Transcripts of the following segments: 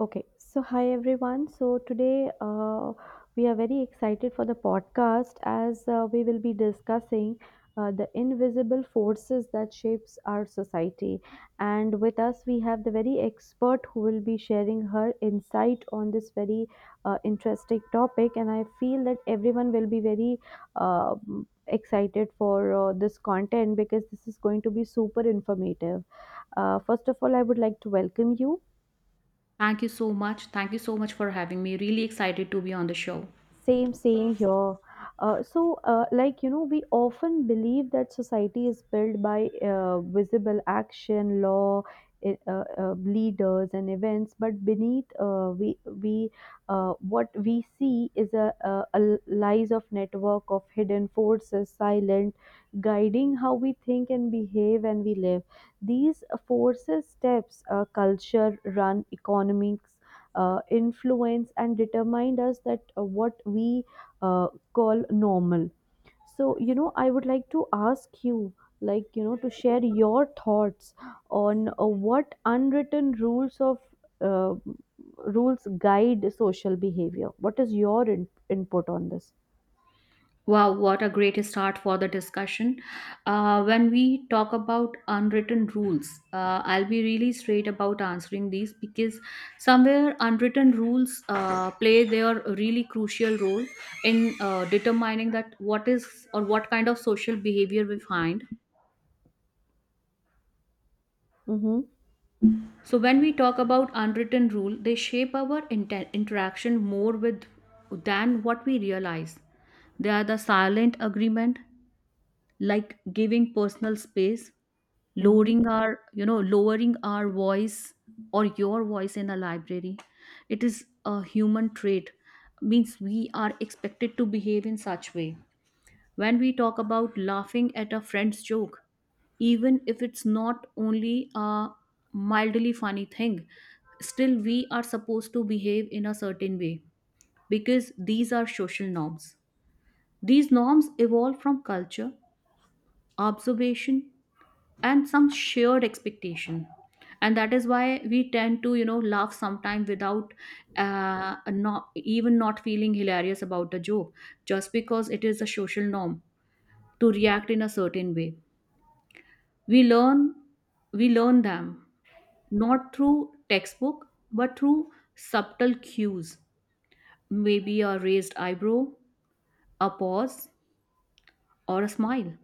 Okay, so hi everyone. So today we are very excited for the podcast as we will be discussing the invisible forces that shapes our society. And with us we have the very expert who will be sharing her insight on this very interesting topic. And I feel that everyone will be very uh, excited for this content because this is going to be super informative. First of all, I would like to welcome you. Thank you so much. Thank you so much for having me. Really excited to be on the show. Same, same here. We often believe that society is built by visible action, law, leaders, and events. But beneath, we what we see is a lies of network of hidden forces, silent, guiding how we think and behave and we live. These forces steps culture, run economics influence and determined us that what we call normal. So I would like to ask you, like you know to share your thoughts on what unwritten rules of uh, rules guide social behavior. What is your input on this? Wow, what a great start for the discussion. When we talk about unwritten rules, I'll be really straight about answering these because somewhere unwritten rules play their really crucial role in determining that what is or what kind of social behavior we find. Mm-hmm. So when we talk about unwritten rule, they shape our interaction more with than what we realize. They are the silent agreement, like giving personal space, lowering our lowering our voice or your voice in a library. It is a human trait, means we are expected to behave in such way when we talk about laughing at a friend's joke, even if it's not only a mildly funny thing, still we are supposed to behave in a certain way because these are social norms. These norms evolve from culture, observation, and some shared expectation. And that is why we tend to, you know, laugh sometimes without not even not feeling hilarious about the joke, just because it is a social norm to react in a certain way. We learn we learn them not through textbook but through subtle cues, maybe a raised eyebrow, a pause, or a smile.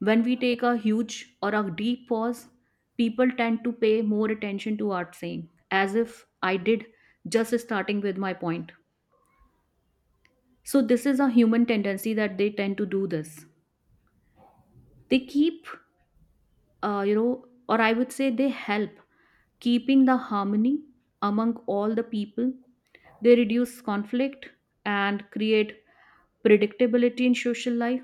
When we take a huge or a deep pause, people tend to pay more attention to our saying, as if I did just starting with my point. So this is a human tendency that they tend to do this. They keep, you know, or I would say they help keeping the harmony among all the people. They reduce conflict and create predictability in social life.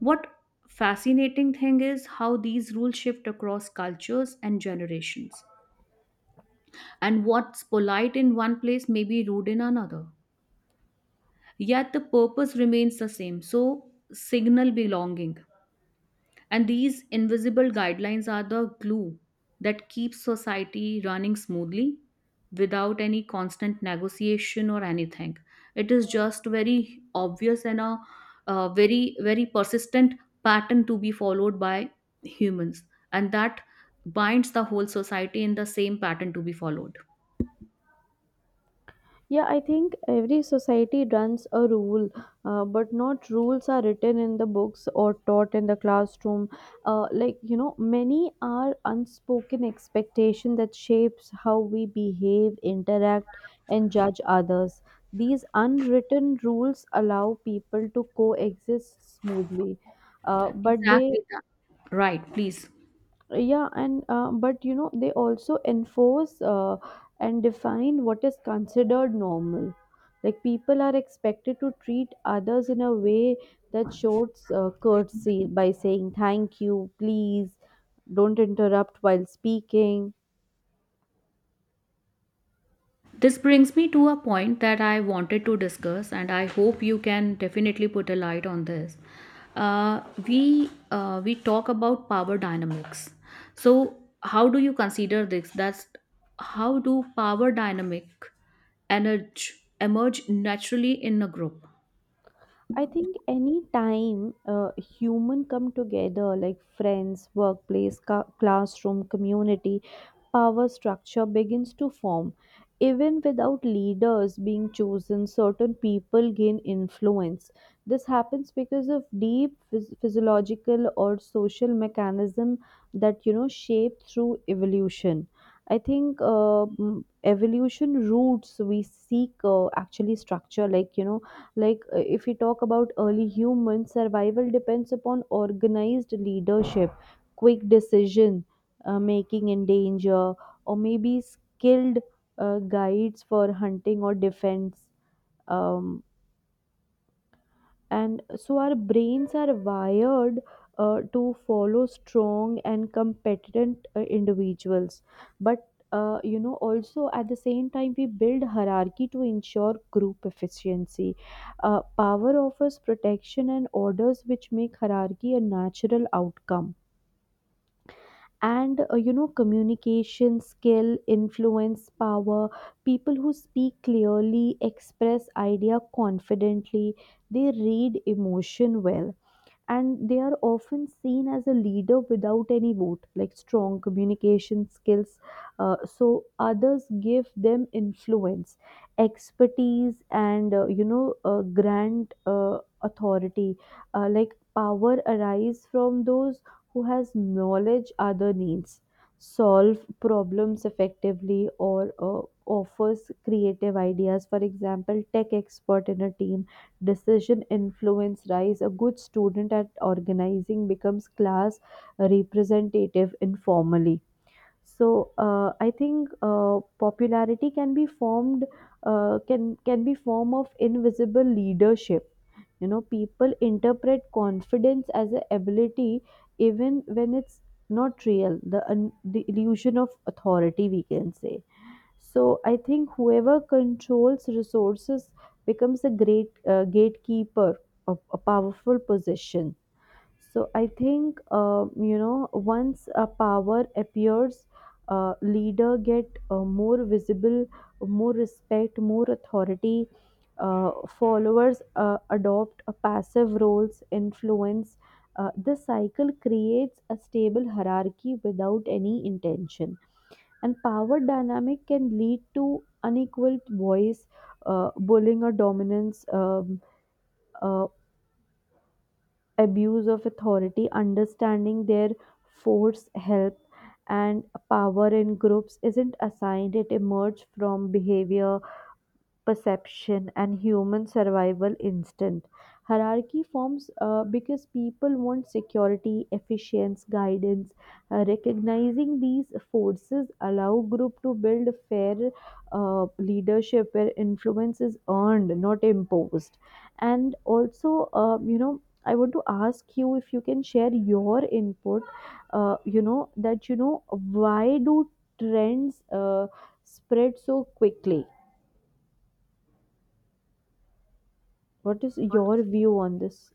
What fascinating thing is how these rules shift across cultures and generations. And what's polite in one place may be rude in another. Yet the purpose remains the same. So signal belonging. And these invisible guidelines are the glue that keeps society running smoothly without any constant negotiation or anything. It is just very obvious and a very, very persistent pattern to be followed by humans. And that binds the whole society in the same pattern to be followed. Yeah, I think every society runs a rule, but not rules are written in the books or taught in the classroom. Many are unspoken expectation that shapes how we behave, interact, and judge others. These unwritten rules allow people to coexist smoothly, but they Exactly that. Right, please. yeah, and but you know they also enforce and define what is considered normal. Like people are expected to treat others in a way that shows courtesy by saying thank you, please, don't interrupt while speaking. This brings me to a point that I wanted to discuss, and I hope you can definitely put a light on this. We talk about power dynamics. So, how do you consider this? That's how do power dynamic energy emerge naturally in a group? I think any time human come together, like friends, workplace, classroom, community, power structure begins to form. Even without leaders being chosen, certain people gain influence. This happens because of deep physiological or social mechanism that you know shape through evolution. I think evolution roots we seek actually structure, like you know, like if we talk about early humans survival depends upon organized leadership, quick decision making in danger, or maybe skilled guides for hunting or defense. um, and so our brains are wired to follow strong and competent individuals, but you know also at the same time we build hierarchy to ensure group efficiency. Power offers protection and orders which make hierarchy a natural outcome. And you know communication skill influence power. People who speak clearly express idea confidently, they read emotion well, and they are often seen as a leader without any vote, like strong communication skills. So others give them influence, expertise, and grand authority. Like power arise from those who has knowledge other needs, solve problems effectively, or offers creative ideas, for example tech expert in a team. Decision influence rise. A good student at organizing becomes class representative informally. So I think popularity can be formed, can be form of invisible leadership. You know, people interpret confidence as a ability even when it's not real. The, the illusion of authority, we can say. So I think whoever controls resources becomes a great gatekeeper of a powerful position. So I think you know once a power appears, leader get more visible, more respect, more authority. Followers adopt a passive roles, influence. This cycle creates a stable hierarchy without any intention, and power dynamic can lead to unequal voice, bullying or dominance, uh, abuse of authority. Understanding their force help, and power in groups isn't assigned, it emerges from behavior, perception, and human survival instinct. Hierarchy forms because people want security, efficiency, guidance. Recognizing these forces allow group to build fair leadership where influence is earned, not imposed. And also, you know, I want to ask you if you can share your input. You know, that you know why do trends spread so quickly? What is your view on this?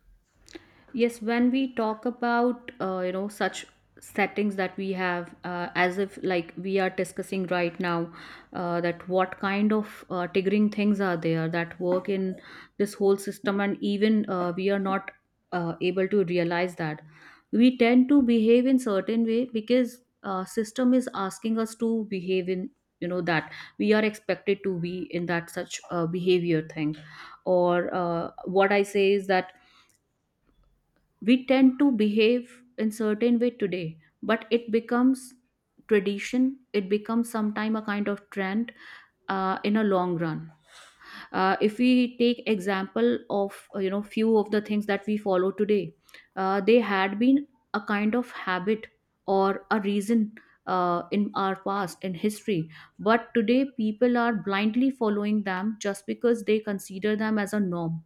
Yes, when we talk about you know such settings that we have, as if like we are discussing right now, that what kind of triggering things are there that work in this whole system, and even we are not able to realize that we tend to behave in certain way because system is asking us to behave in you know that we are expected to be in that such behavior thing, or what I say is that we tend to behave in certain way today but it becomes tradition, it becomes sometime a kind of trend in a long run. If we take example of you know few of the things that we follow today, they had been a kind of habit or a reason in our past in history, but today people are blindly following them just because they consider them as a norm,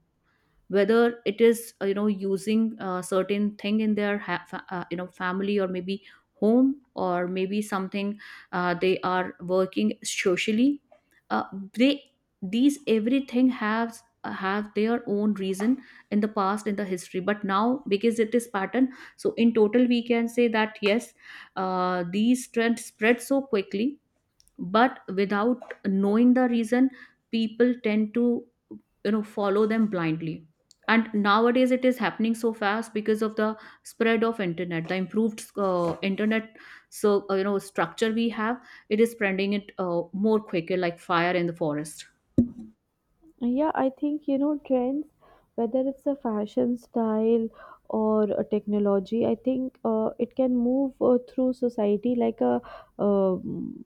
whether it is you know using a certain thing in their you know family or maybe home or maybe something they are working socially. Uh, they these everything has have their own reason in the past in the history, but now because it is pattern. So in total we can say that, yes, these trends spread so quickly but without knowing the reason people tend to you know follow them blindly. And nowadays it is happening so fast because of the spread of internet, the improved internet so you know structure we have, it is spreading it more quicker like fire in the forest. Yeah, I think you know trends, whether it's a fashion style or a technology, I think it can move through society like a um,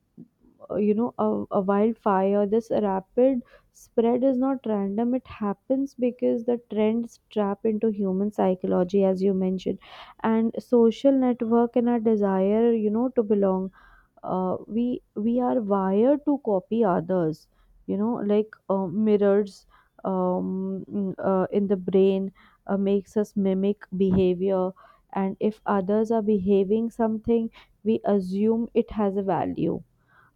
you know a wildfire. This rapid spread is not random. It happens because the trends trap into human psychology, as you mentioned, and social network and our desire, you know, to belong. We are wired to copy others, you know, like mirrors in the brain makes us mimic behavior. And if others are behaving something, we assume it has a value.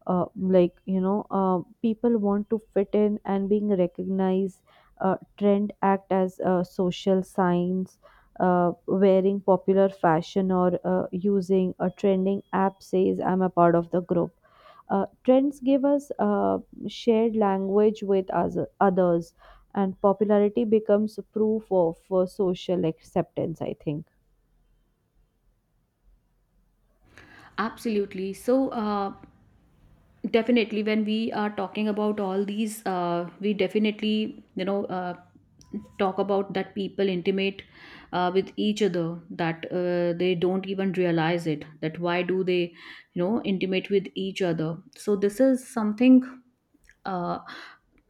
People want to fit in and being recognized. Trend act as social signs. Wearing popular fashion or using a trending app says I'm a part of the group. Trends give us shared language with us, others, and popularity becomes proof of social acceptance, I think. Absolutely, so definitely, when we are talking about all these, we definitely, you know, talk about that people intimate with each other that they don't even realize it. That why do they, you know, intimate with each other? So this is something uh,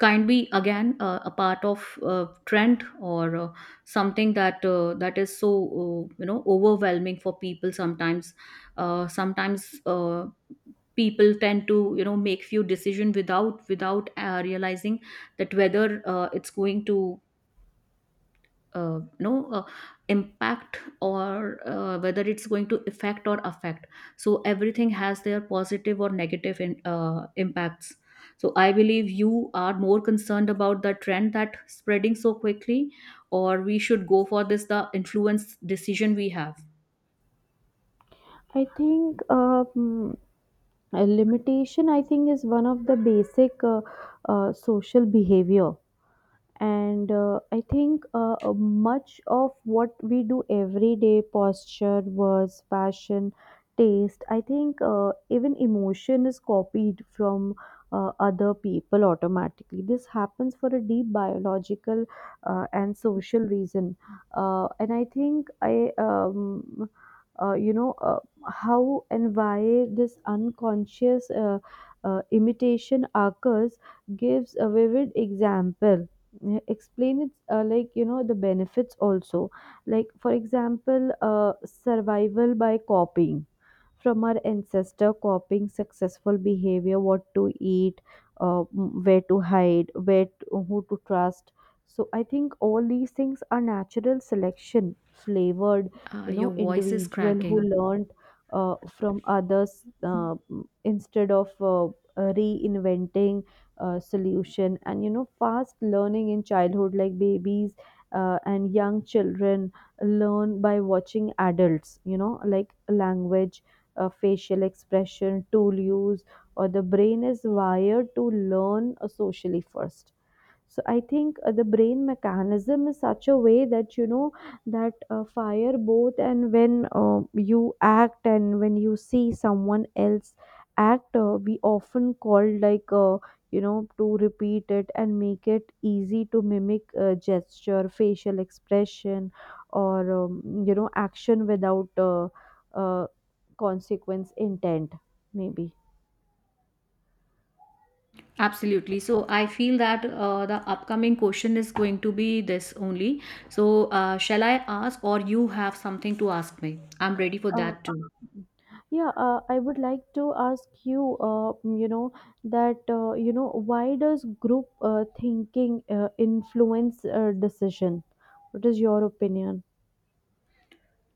can be again a part of trend or something that that is so you know overwhelming for people sometimes. Sometimes. People tend to you know make few decision without realizing that whether it's going to you know impact or whether it's going to affect or affect. So everything has their positive or negative impacts. So I believe you are more concerned about the trend that spreading so quickly, or we should go for this the influence decision we have. I think limitation, I think, is one of the basic social behavior. And I think much of what we do every day, posture, words, fashion, taste, I think even emotion is copied from other people automatically. This happens for a deep biological and social reason. Uh, and I think I you know How and why this unconscious imitation occurs gives a vivid example. Yeah, explain it, the benefits also. Like for example, survival by copying. From our ancestor, copying successful behavior, what to eat, where to hide, where to, who to trust. So I think all these things are natural selection flavored. You Your know, voice is individual who cracking. learned from others instead of reinventing solution. And you know, fast learning in childhood, like babies and young children learn by watching adults, you know, like language, facial expression, tool use, or the brain is wired to learn socially first. So I think the brain mechanism is such a way that you know that fire both and when you act and when you see someone else act. We often call, like you know, to repeat it and make it easy to mimic gesture, facial expression, or you know, action without uh, consequence intent maybe. Absolutely. So I feel that the upcoming question is going to be this only. So, shall I ask, or you have something to ask me? I'm ready for that too. Yeah, I would like to ask you, you know, you know, why does group thinking influence decision? What is your opinion?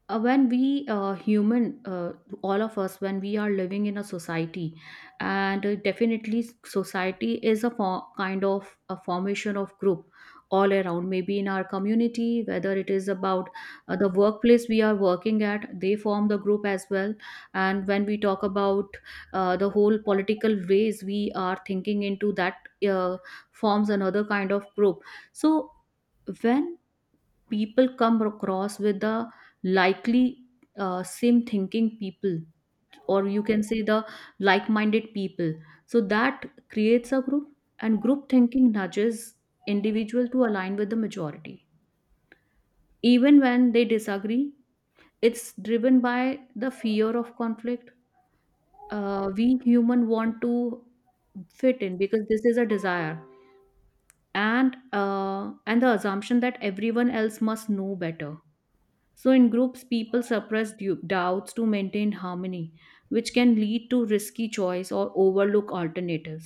When we human all of us when we are living in a society, and definitely society is a kind of a formation of group all around, maybe in our community, whether it is about the workplace we are working at, they form the group as well. And when we talk about the whole political ways we are thinking into that, uh, forms another kind of group. So when people come across with the likely same thinking people, or you can say the like-minded people, so that creates a group. And group thinking nudges individual to align with the majority even when they disagree. It's driven by the fear of conflict. We human want to fit in because this is a desire, and the assumption that everyone else must know better. So, in groups, people suppress doubts to maintain harmony, which can lead to risky choice or overlook alternatives.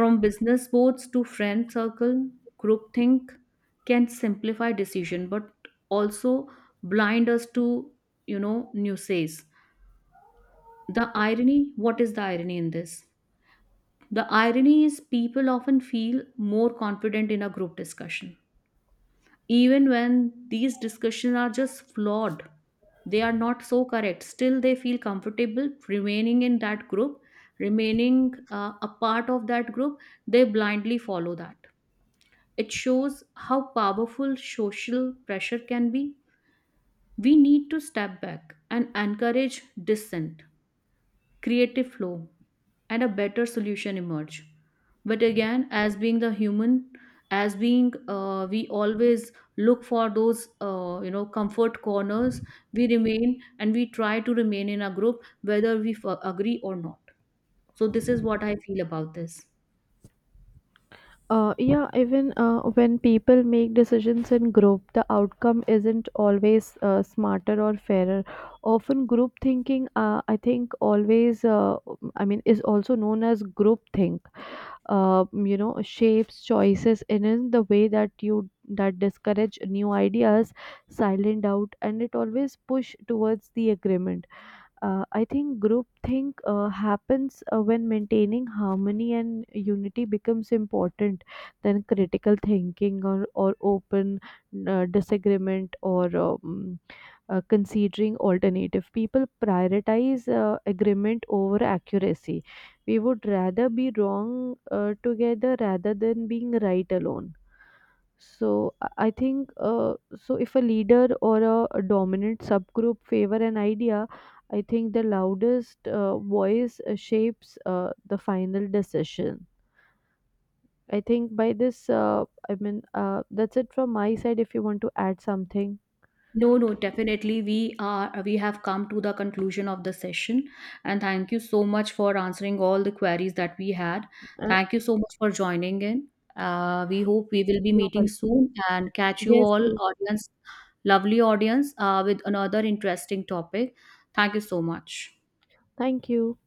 From business boards to friend circle, groupthink can simplify decision but also blind us to, you know, nuisances. The irony, what is the irony in this? The irony is people often feel more confident in a group discussion. Even when these discussions are just flawed, they are not so correct, still they feel comfortable remaining in that group, remaining a part of that group, they blindly follow that. It shows how powerful social pressure can be. We need to step back and encourage dissent, creative flow, and a better solution emerge. But again, as being the human, as being we always look for those you know comfort corners. We remain and we try to remain in a group whether we agree or not. So this is what I feel about this. Yeah, even when people make decisions in group, the outcome isn't always smarter or fairer. Often, group thinking, I think, always, I mean, is also known as group think. You know, shapes choices and in the way that you, that discourage new ideas, silent doubt, and it always push towards the agreement. I think group think happens when maintaining harmony and unity becomes important than critical thinking, or open disagreement or considering alternative. People prioritize agreement over accuracy. We would rather be wrong together rather than being right alone. So I think so if a leader or a dominant subgroup favor an idea, I think the loudest voice shapes the final decision. I think by this I mean that's it from my side, if you want to add something. No, no, definitely. We have come to the conclusion of the session, and thank you so much for answering all the queries that we had. uh, Thank you so much for joining in. We hope we will be you're meeting welcome. soon and catch you Yes, all, yes. audience, lovely audience, with another interesting topic. Thank you so much. Thank you.